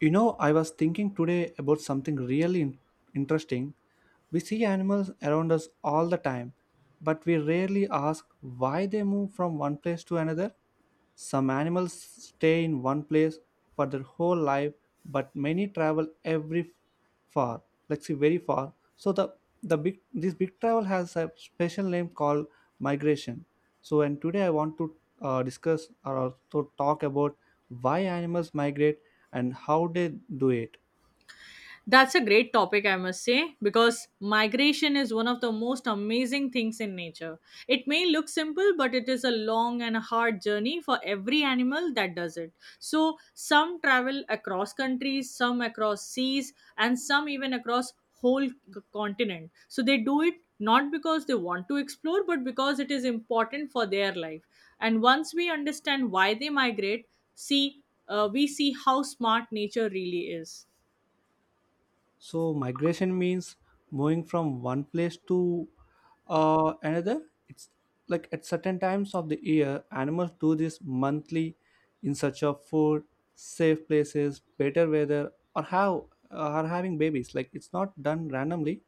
You know, I was thinking today about something really interesting. We see animals around us all the time, but we rarely ask why they move from one place to another. Some animals stay in one place for their whole life, but many travel every far, like see very far. So the big this big travel has a special name called migration. So and today I want to discuss or also talk about why animals migrate and how they do it. That's a great topic, I must say, because migration is one of the most amazing things in nature. It may look simple, but it is a long and a hard journey for every animal that does it. So, some travel across countries, some across seas, and some even across whole continent. So, they do it not because they want to explore, but because it is important for their life. And once we understand why they migrate, see we see how smart nature really is. So migration means moving from one place to another. It's like at certain times of the year, animals do this monthly in search of food, safe places, better weather, or how are having babies. Like it's not done randomly.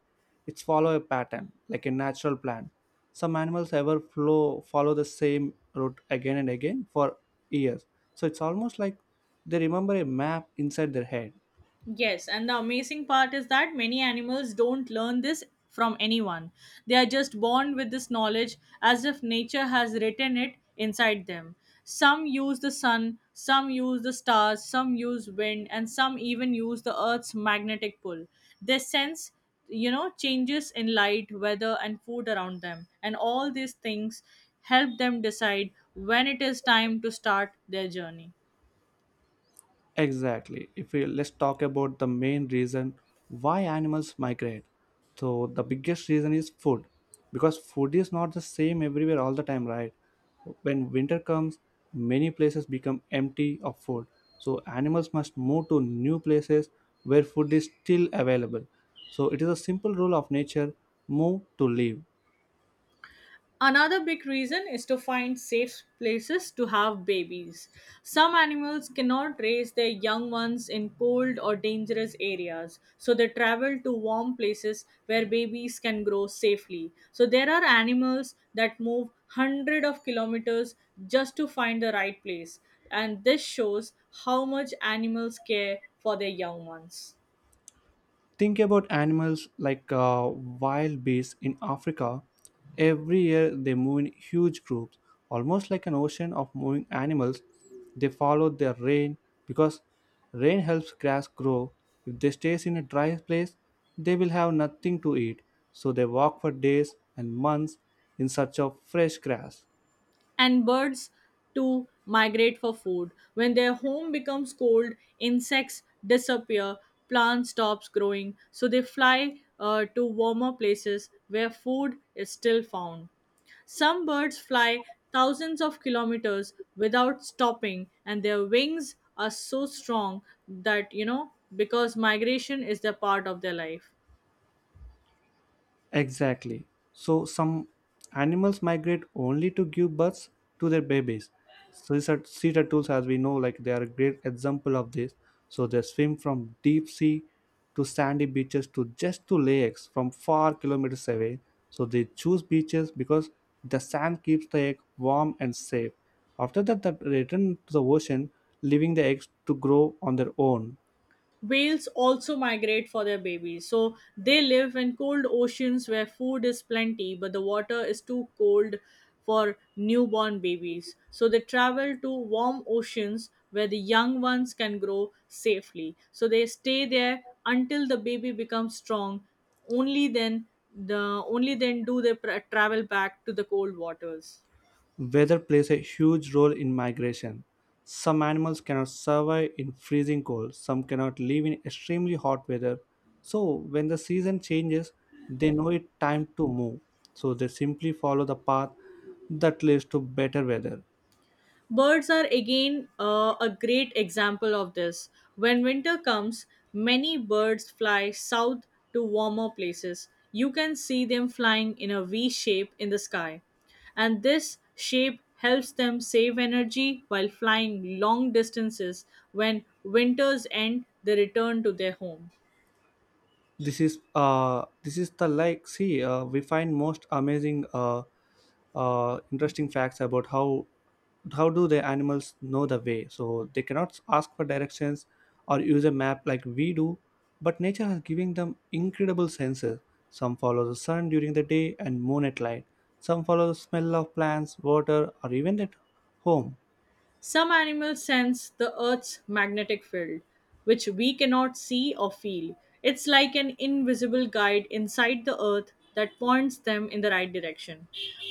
It's follow a pattern, like a natural plan. Some animals ever flow follow the same route again and again for years. So it's almost like they remember a map inside their head. Yes, and the amazing part is that many animals don't learn this from anyone. They are just born with this knowledge as if nature has written it inside them. Some use the sun, some use the stars, some use wind, and some even use the earth's magnetic pull. They sense, changes in light, weather, and food around them. And all these things help them decide when it is time to start their journey. Exactly. If we Let's talk about the main reason why animals migrate. So the biggest reason is food, because food is not the same everywhere all the time, right? When winter comes, many places become empty of food. So animals must move to new places where food is still available. So it is a simple rule of nature: move to live. Another big reason is to find safe places to have babies. Some animals cannot raise their young ones in cold or dangerous areas, so they travel to warm places where babies can grow safely. So there are animals that move hundreds of kilometers just to find the right place, and this shows how much animals care for their young ones. Think about animals like wild bees in Africa. Every year they move in huge groups, almost like an ocean of moving animals. They follow their rain because rain helps grass grow. If they stay in a dry place, they will have nothing to eat. So they walk for days and months in search of fresh grass. And birds to migrate for food. When their home becomes cold, insects disappear, plants stops growing, so they fly to warmer places where food is still found. Some birds fly thousands of kilometers without stopping, and their wings are so strong that because migration is the part of their life. Exactly. So some animals migrate only to give birth to their babies. So these are sea turtles, as we know, like they are a great example of this. So they swim from deep sea to sandy beaches to just to lakes from far kilometers away. So they choose beaches because the sand keeps the egg warm and safe. After that, they return to the ocean, leaving the eggs to grow on their own. Whales also migrate for their babies. So they live in cold oceans where food is plenty, but the water is too cold for newborn babies. So they travel to warm oceans where the young ones can grow safely. So they stay there until the baby becomes strong. Only then the only then do they travel back to the cold waters. Weather plays a huge role in migration. Some animals cannot survive in freezing cold, some cannot live in extremely hot weather. So, when the season changes, they know it's time to move. So, they simply follow the path that leads to better weather. Birds are again a great example of this. When winter comes, many birds fly south to warmer places. You can see them flying in a V shape in the sky, and this shape helps them save energy while flying long distances. When winters end, they return to their home. This is the like see we find most amazing interesting facts about how do the animals know the way. So they cannot ask for directions or use a map like we do, but nature has given them incredible senses. Some follow the sun during the day and moon at night. Some follow the smell of plants, water, or even at home. Some animals sense the Earth's magnetic field, which we cannot see or feel. It's like an invisible guide inside the Earth that points them in the right direction.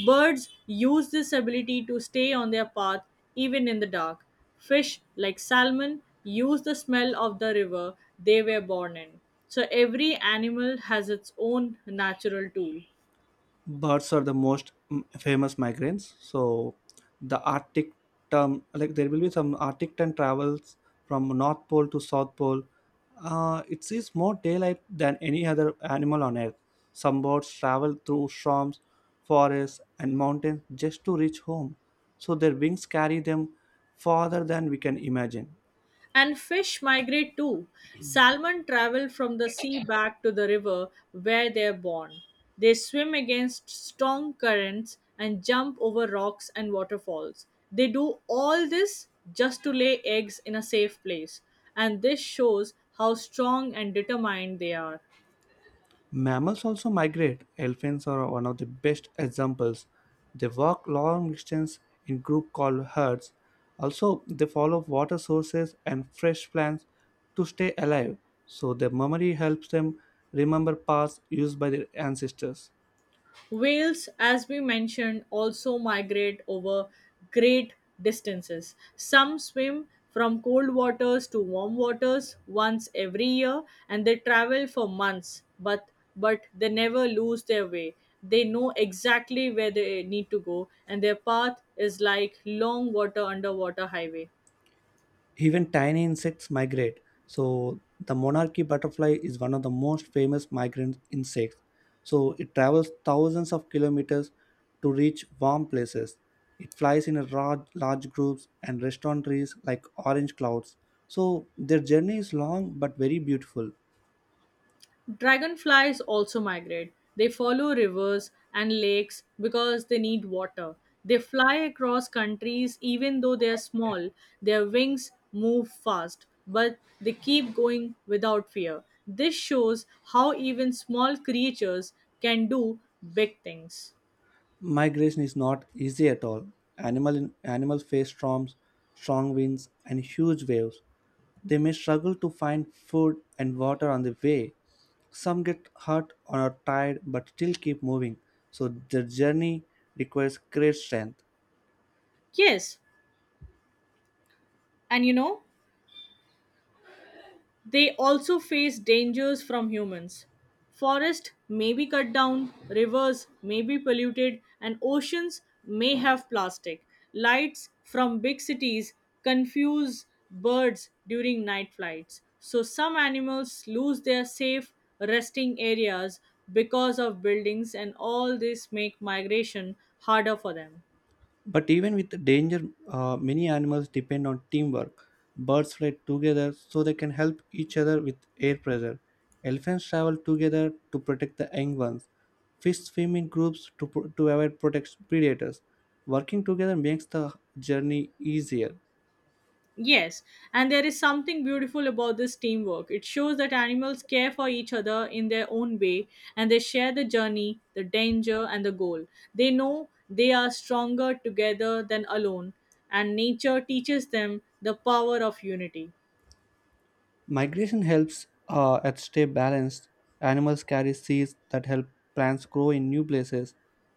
Birds use this ability to stay on their path even in the dark. Fish, like salmon, use the smell of the river they were born in. So every animal has its own natural tool. Birds are the most famous migrants. So the arctic term, like there will be some arctic term travels from North Pole to South Pole. It sees more daylight than any other animal on Earth. Some birds travel through swamps, forests, and mountains just to reach home. So their wings carry them farther than we can imagine. And fish migrate too. Salmon travel from the sea back to the river where they are born. They swim against strong currents and jump over rocks and waterfalls. They do all this just to lay eggs in a safe place. And this shows how strong and determined they are. Mammals also migrate. Elephants are one of the best examples. They walk long distance in group called herds. Also, they follow water sources and fresh plants to stay alive. So their memory helps them remember paths used by their ancestors. Whales, as we mentioned, also migrate over great distances. Some swim from cold waters to warm waters once every year and they travel for months, but they never lose their way. They know exactly where they need to go and their path is like long water underwater highway. Even tiny insects migrate. So the monarchy butterfly is one of the most famous migrant insects. So it travels thousands of kilometers to reach warm places. It flies in a large groups and rests on trees like orange clouds. So their journey is long but very beautiful. Dragonflies also migrate. They follow rivers and lakes because they need water. They fly across countries even though they are small. Their wings move fast, but they keep going without fear. This shows how even small creatures can do big things. Migration is not easy at all. Animals face storms, strong winds, and huge waves. They may struggle to find food and water on the way. Some get hurt or are tired but still keep moving. So their journey requires great strength. Yes, and they also face dangers from humans. Forests may be cut down, rivers may be polluted, and oceans may have plastic. Lights from big cities confuse birds during night flights. So, some animals lose their safe resting areas because of buildings, and all this make migration harder for them. But even with the danger, many animals depend on teamwork. Birds fly together so they can help each other with air pressure. Elephants travel together to protect the young ones. Fish swim in groups to avoid protect predators. Working together makes the journey easier. Yes, and there is something beautiful about this teamwork. It shows that animals care for each other in their own way and they share the journey, the danger, and the goal. They know they are stronger together than alone, and nature teaches them the power of unity. Migration helps at stay balanced. Animals carry seeds that help plants grow in new places.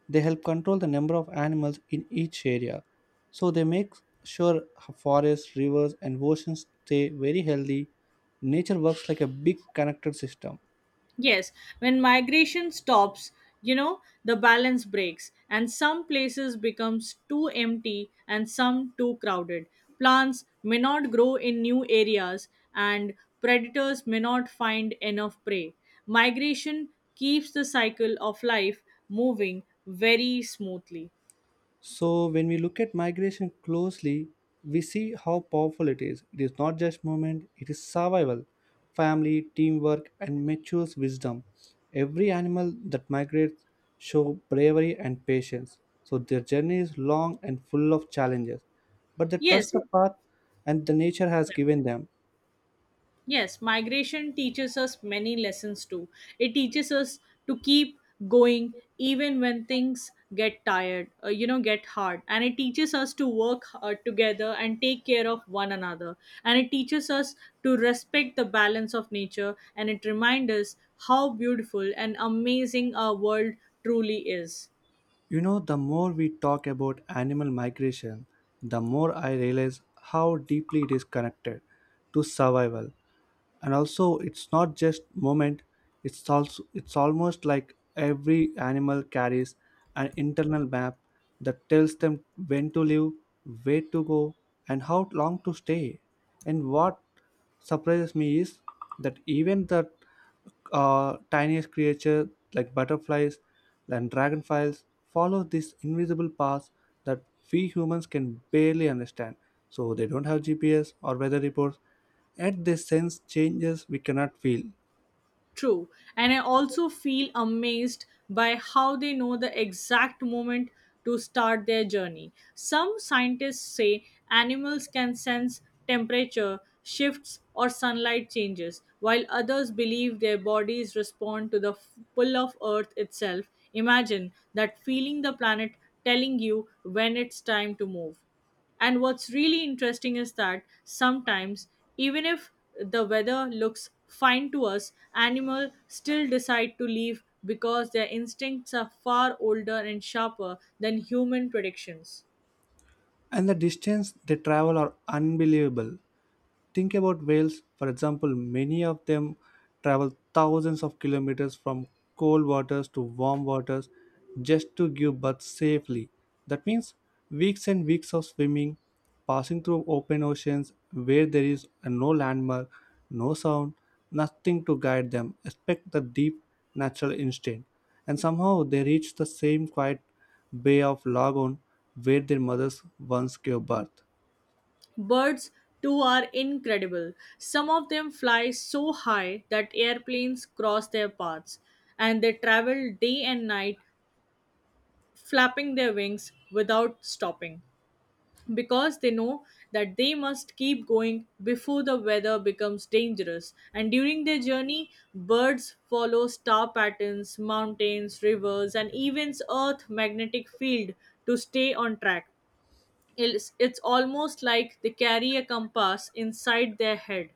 They help control the number of animals in each area. So they make sure forests, rivers, and oceans stay very healthy. Nature works like a big connected system. Yes, when migration stops, the balance breaks and some places becomes too empty and some too crowded. Plants may not grow in new areas and predators may not find enough prey. Migration keeps the cycle of life moving very smoothly. So when we look at migration closely, we see how powerful it is. It is not just movement, it is survival, family, teamwork, and mature wisdom. Every animal that migrates show bravery and patience. So their journey is long and full of challenges, but they trust Yes, the path and the nature has given them. Yes, migration teaches us many lessons too. It teaches us to keep going even when things get tired, get hard. And it teaches us to work together and take care of one another. And it teaches us to respect the balance of nature. And it reminds us how beautiful and amazing our world truly is. You know, the more we talk about animal migration, the more I realize how deeply it is connected to survival, and also it's not just moment, it's also it's almost like every animal carries an internal map that tells them when to live, where to go, and how long to stay. And what surprises me is that even the tiniest creature like butterflies and dragonflies follow this invisible path that we humans can barely understand. So they don't have GPS or weather reports, yet they sense changes we cannot feel. True. And I also feel amazed by how they know the exact moment to start their journey. Some scientists say animals can sense temperature shifts or sunlight changes, while others believe their bodies respond to the pull of Earth itself. Imagine that feeling the planet telling you when it's time to move. And what's really interesting is that sometimes, even if the weather looks fine to us, animals still decide to leave because their instincts are far older and sharper than human predictions. And the distance they travel are unbelievable. Think about whales, for example, many of them travel thousands of kilometers from cold waters to warm waters just to give birth safely. That means weeks and weeks of swimming, passing through open oceans where there is no landmark, no sound, nothing to guide them, except the deep natural instinct. And somehow they reach the same quiet bay of Lagoon where their mothers once gave birth. Birds, too, are incredible. Some of them fly so high that airplanes cross their paths, and they travel day and night, flapping their wings without stopping, because they know that they must keep going before the weather becomes dangerous. And during their journey, birds follow star patterns, mountains, rivers, and even Earth's magnetic field to stay on track. It's almost like they carry a compass inside their head.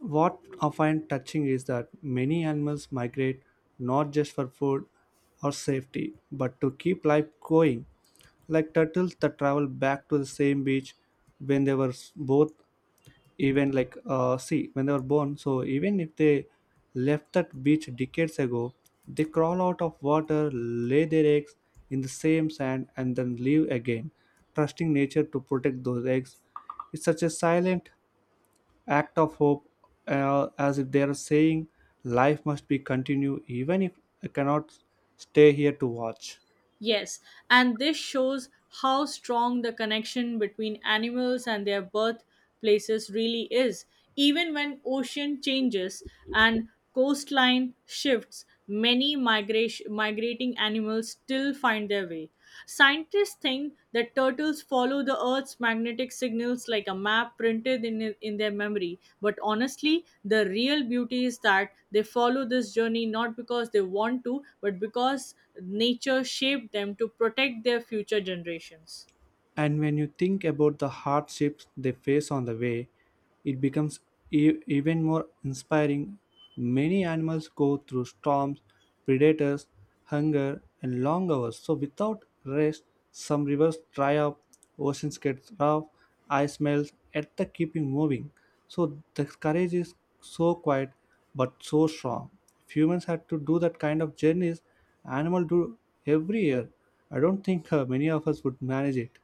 What I find touching is that many animals migrate not just for food or safety, but to keep life going, like turtles that travel back to the same beach when they were both even like see when they were born. So even if they left that beach decades ago, they crawl out of water, lay their eggs in the same sand, and then leave again, trusting nature to protect those eggs. It's such a silent act of hope, as if they are saying life must be continued even if I cannot stay here to watch. Yes, and this shows how strong the connection between animals and their birthplaces really is. Even when ocean changes and coastline shifts, many migrating animals still find their way. Scientists think that turtles follow the Earth's magnetic signals like a map printed in their memory. But honestly, the real beauty is that they follow this journey not because they want to, but because nature shaped them to protect their future generations. And when you think about the hardships they face on the way, it becomes even more inspiring. Many animals go through storms, predators, hunger, and long hours. So, without rest, some rivers dry up, oceans get rough, ice melts, yet the keeping moving. So, the courage is so quiet but so strong. If humans had to do that kind of journeys, animals do every year. I don't think many of us would manage it.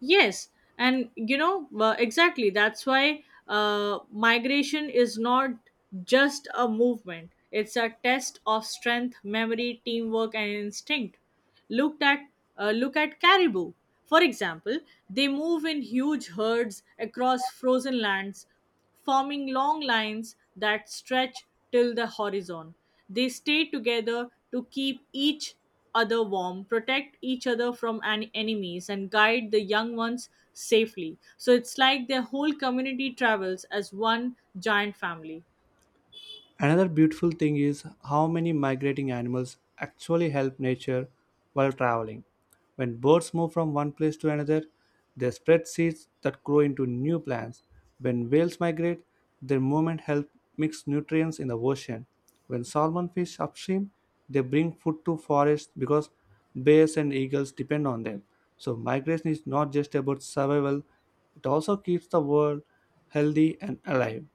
Yes, and exactly. That's why migration is not just a movement, it's a test of strength, memory, teamwork, and instinct. Looked at, Look at caribou. For example, they move in huge herds across frozen lands forming long lines that stretch till the horizon. They stay together to keep each other warm, protect each other from enemies, and guide the young ones safely. So it's like their whole community travels as one giant family. Another beautiful thing is how many migrating animals actually help nature while traveling. When birds move from one place to another, they spread seeds that grow into new plants. When whales migrate, their movement helps mix nutrients in the ocean. When salmon fish upstream, they bring food to forests because bears and eagles depend on them. So migration is not just about survival, it also keeps the world healthy and alive.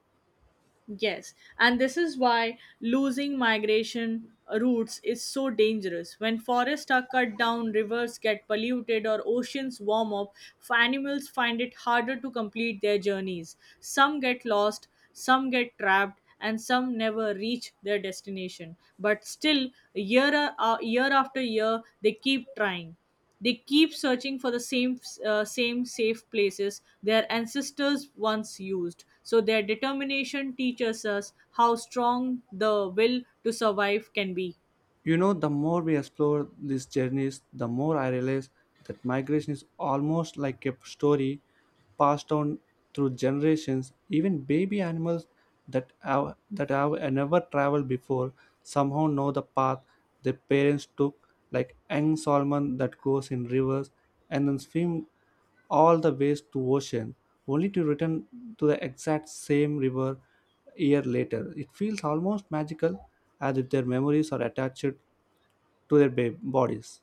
Yes, and this is why losing migration routes is so dangerous. When forests are cut down, rivers get polluted, or oceans warm up, animals find it harder to complete their journeys. Some get lost, some get trapped, and some never reach their destination. But still, year after year, they keep trying. They keep searching for the same safe places their ancestors once used. So their determination teaches us how strong the will to survive can be. You know, the more we explore these journeys, the more I realize that migration is almost like a story passed on through generations. Even baby animals that have never traveled before somehow know the path their parents took, like young salmon that goes in rivers and then swim all the ways to ocean only to return to the exact same river a year later. It feels almost magical, as if their memories are attached to their bodies.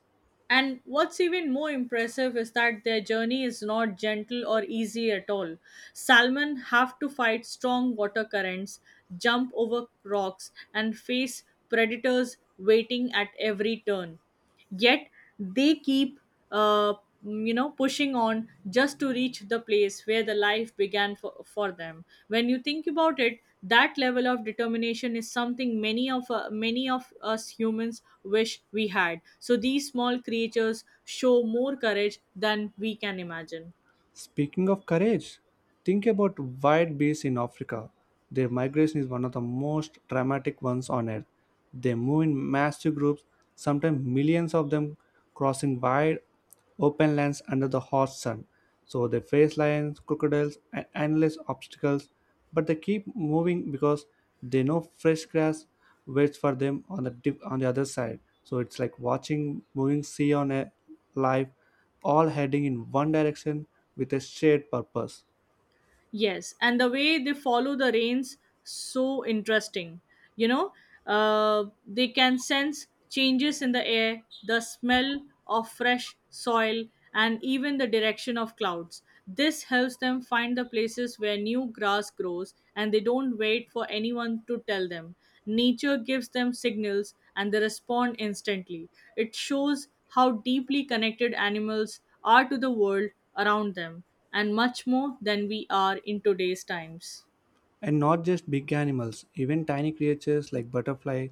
And what's even more impressive is that their journey is not gentle or easy at all. Salmon have to fight strong water currents, jump over rocks, and face predators waiting at every turn. Yet they keep uh, pushing on just to reach the place where the life began for them. When you think about it, that level of determination is something many of us humans wish we had. So these small creatures show more courage than we can imagine. Speaking of courage, think about white bees in Africa. Their migration is one of the most dramatic ones on earth. They move in massive groups, sometimes millions of them crossing wide open lands under the hot sun. So they face lions, crocodiles, and endless obstacles, but they keep moving because they know fresh grass waits for them on the dip, on the other side. So it's like watching moving sea on a live, all heading in one direction with a shared purpose. Yes, and the way they follow the rains so interesting. You know, they can sense changes in the air, the smell of fresh soil, and even the direction of clouds. This helps them find the places where new grass grows, and they don't wait for anyone to tell them. Nature gives them signals, and they respond instantly. It shows how deeply connected animals are to the world around them and much more than we are in today's times. And not just big animals, even tiny creatures like butterfly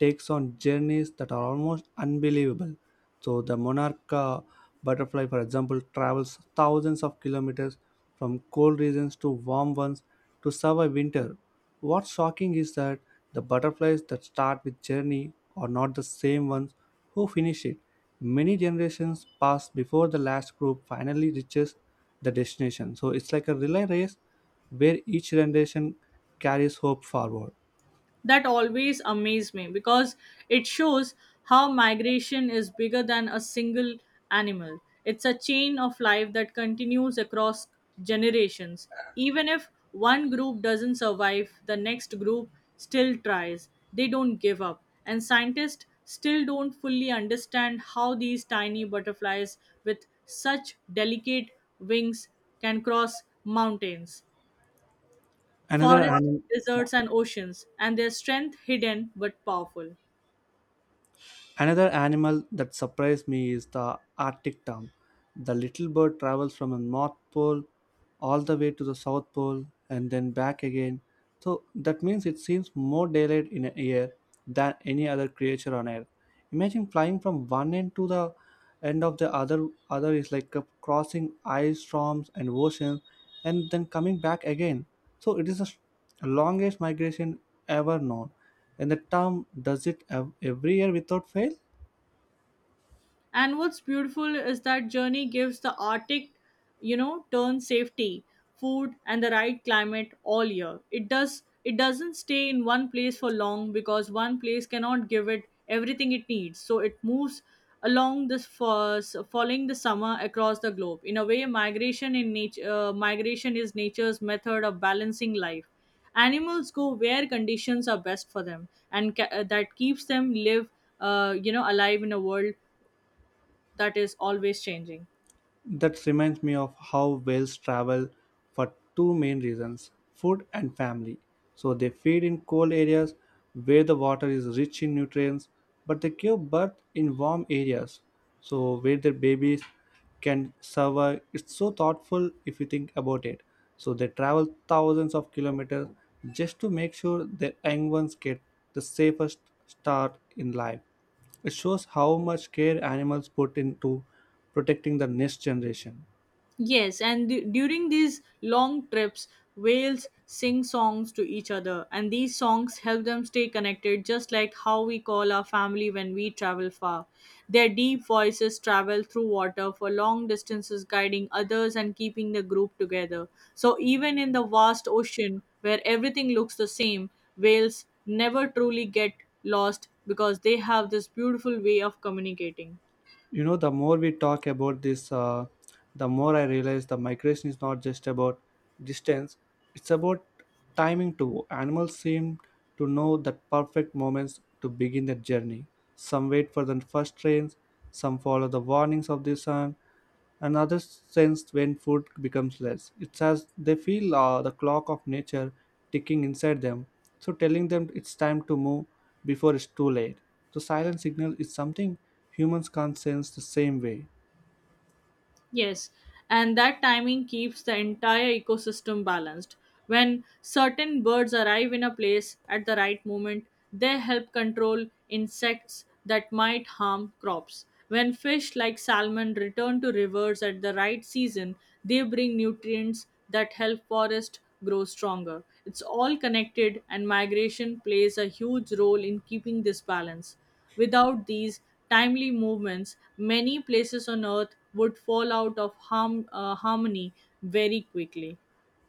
takes on journeys that are almost unbelievable. So the monarch butterfly, for example, travels thousands of kilometers from cold regions to warm ones to survive winter. What's shocking is that the butterflies that start with journey are not the same ones who finish it. Many generations pass before the last group finally reaches the destination. So it's like a relay race where each generation carries hope forward. That always amazed me because it shows how migration is bigger than a single animal. It's a chain of life that continues across generations. Even if one group doesn't survive, the next group still tries. They don't give up. And scientists still don't fully understand how these tiny butterflies with such delicate wings can cross mountains Another forests, anim- deserts, and oceans, and their strength hidden but powerful. Another animal that surprised me is the Arctic tern. The little bird travels from the North Pole all the way to the South Pole and then back again. So that means it seems more daylight in a year than any other creature on Earth. Imagine flying from one end to the end of the other is like a crossing ice storms and oceans and then coming back again. So it is a longest migration ever known. And the term does it every year without fail. And what's beautiful is that journey gives the Arctic, turn safety, food, and the right climate all year. It does. It doesn't stay in one place for long because one place cannot give it everything it needs. So it moves along this first, following the summer across the globe. In a way, migration is nature's method of balancing life. Animals go where conditions are best for them, and that keeps them live, alive in a world that is always changing. That reminds me of how whales travel for two main reasons, food and family. So they feed in cold areas where the water is rich in nutrients, but they give birth in warm areas, so where their babies can survive. It's so thoughtful if you think about it. So they travel thousands of kilometers just to make sure their young ones get the safest start in life. It shows how much care animals put into protecting the next generation. Yes, and during these long trips, whales sing songs to each other, and these songs help them stay connected, just like how we call our family when we travel far. Their deep voices travel through water for long distances, guiding others and keeping the group together. So, even in the vast ocean where everything looks the same, whales never truly get lost because they have this beautiful way of communicating. You know, the more we talk about this, the more I realize the migration is not just about distance, it's about timing too. Animals seem to know the perfect moments to begin their journey. Some wait for the first rains. Some follow the warnings of the sun. Another sense when food becomes less. It's as they feel the clock of nature ticking inside them, so telling them it's time to move before it's too late. The silent signal is something humans can't sense the same way. Yes, and that timing keeps the entire ecosystem balanced. When certain birds arrive in a place at the right moment, they help control insects that might harm crops. When fish like salmon return to rivers at the right season, they bring nutrients that help forest grow stronger. It's all connected and migration plays a huge role in keeping this balance. Without these timely movements, many places on Earth would fall out of harmony very quickly.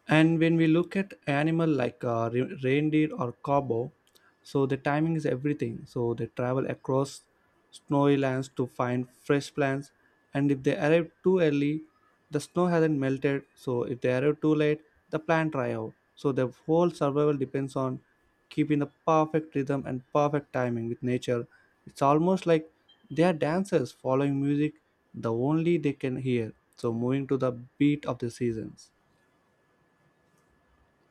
And when we look at animal like reindeer or cow, so the timing is everything. So they travel across snowy lands to find fresh plants, and if they arrive too early, the snow hasn't melted. So if they arrive too late, the plant dry out. So their whole survival depends on keeping the perfect rhythm and perfect timing with nature. It's almost like they are dancers following music the only they can hear. So moving to the beat of the seasons.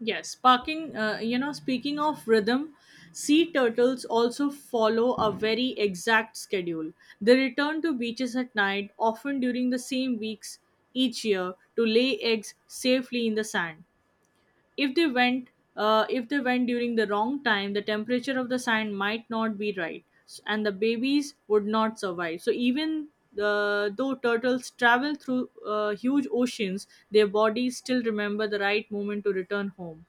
Yes, speaking of rhythm, sea turtles also follow a very exact schedule. They return to beaches at night, often during the same weeks each year, to lay eggs safely in the sand. If they went, if they went during the wrong time, the temperature of the sand might not be right, and the babies would not survive. So even though turtles travel through huge oceans, their bodies still remember the right moment to return home.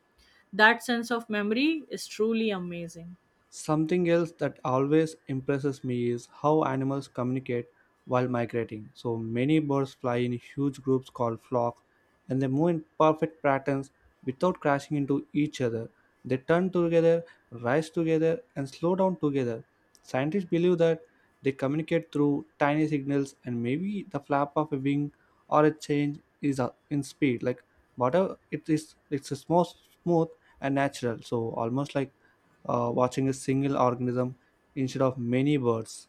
That sense of memory is truly amazing. Something else that always impresses me is how animals communicate while migrating. So many birds fly in huge groups called flocks and they move in perfect patterns without crashing into each other. They turn together, rise together, and slow down together. Scientists believe that they communicate through tiny signals and maybe the flap of a wing or a change is in speed. Like whatever it is, it's a small, smooth and natural. So almost like watching a single organism instead of many birds.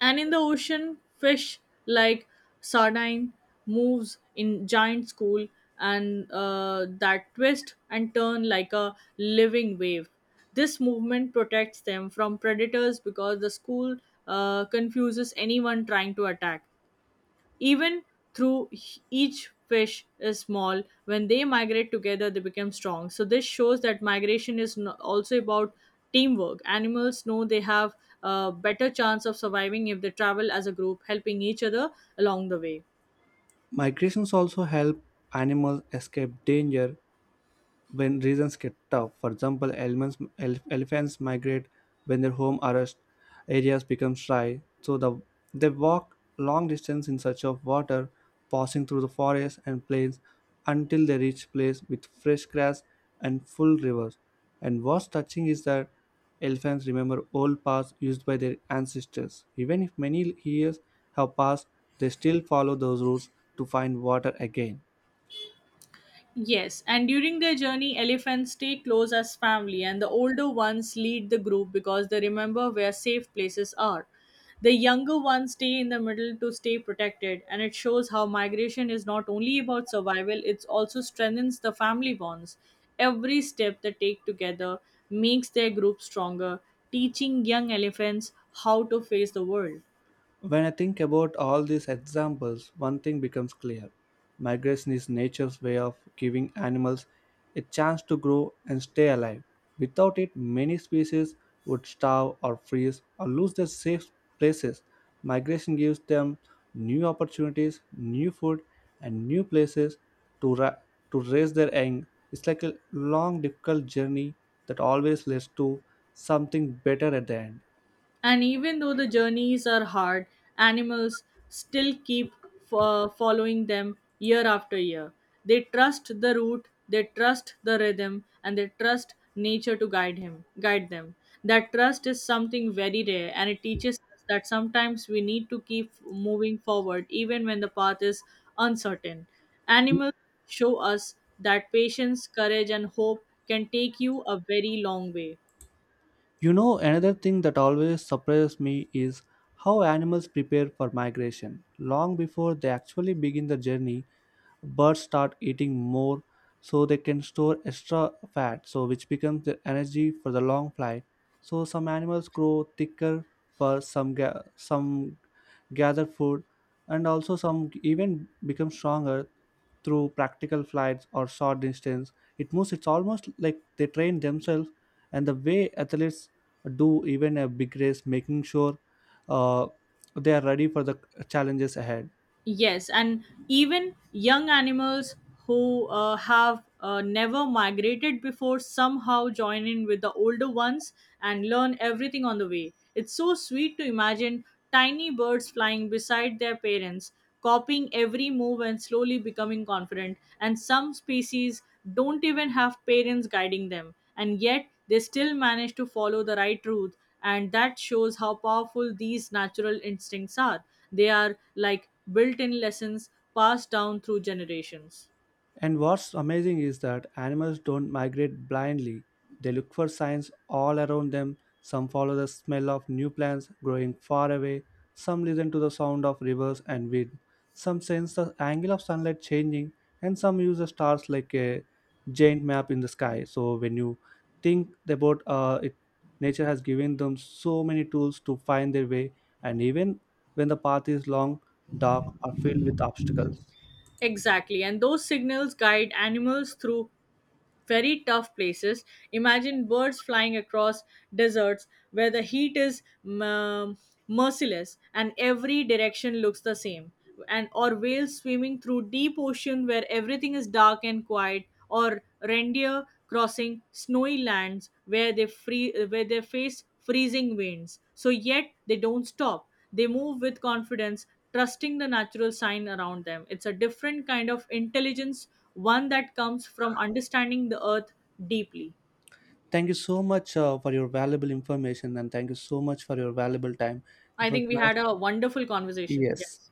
And in the ocean, fish like sardine moves in giant school and that twist and turn like a living wave. This movement protects them from predators because the school confuses anyone trying to attack. Even through each fish is small, when they migrate together, they become strong. So this shows that migration is also about teamwork. Animals know they have a better chance of surviving if they travel as a group, helping each other along the way. Migrations also help animals escape danger when reasons get tough. For example, elephants migrate when their home arrest areas become dry, so they walk long distance in search of water, passing through the forests and plains until they reach place with fresh grass and full rivers. And what's touching is that elephants remember old paths used by their ancestors. Even if many years have passed, they still follow those routes to find water again. Yes, and during their journey, elephants stay close as family, and the older ones lead the group because they remember where safe places are. The younger ones stay in the middle to stay protected, and it shows how migration is not only about survival, it also strengthens the family bonds. Every step they take together makes their group stronger, teaching young elephants how to face the world. When I think about all these examples, one thing becomes clear. Migration is nature's way of giving animals a chance to grow and stay alive. Without it, many species would starve or freeze or lose their safe places. Migration gives them new opportunities, new food, and new places to, ra- to raise their young. It's like a long, difficult journey that always leads to something better at the end. And even though the journeys are hard, animals still keep following them year after year. They trust the route, they trust the rhythm, and they trust nature to guide them. That trust is something very rare, and it teaches us that sometimes we need to keep moving forward even when the path is uncertain. Animals show us that patience, courage, and hope can take you a very long way. You know, another thing that always surprises me is how animals prepare for migration long before they actually begin the journey. Birds start eating more so they can store extra fat, so which becomes their energy for the long flight. So some animals grow thicker fur, some gather food, and also some even become stronger through practical flights or short distance it moves. It's almost like they train themselves and the way athletes do even a big race, making sure uh, they are ready for the challenges ahead. Yes, and even young animals who have never migrated before somehow join in with the older ones and learn everything on the way. It's so sweet to imagine tiny birds flying beside their parents, copying every move and slowly becoming confident. And some species don't even have parents guiding them, and yet they still manage to follow the right route. And that shows how powerful these natural instincts are. They are like built in lessons passed down through generations. And what's amazing is that animals don't migrate blindly. They look for signs all around them. Some follow the smell of new plants growing far away. Some listen to the sound of rivers and wind. Some sense the angle of sunlight changing. And some use the stars like a giant map in the sky. So when you think about it, nature has given them so many tools to find their way. And even when the path is long, dark, or filled with obstacles. Exactly, and those signals guide animals through very tough places. Imagine birds flying across deserts where the heat is um, merciless and every direction looks the same. And or whales swimming through deep ocean where everything is dark and quiet, or reindeer crossing snowy lands where they face freezing winds. So yet they don't stop. They move with confidence, trusting the natural sign around them. It's a different kind of intelligence one that comes from understanding the earth deeply. Thank you so much for your valuable information, and thank you so much for your valuable time. It I was think we nice. had a wonderful conversation. Yes. Yes.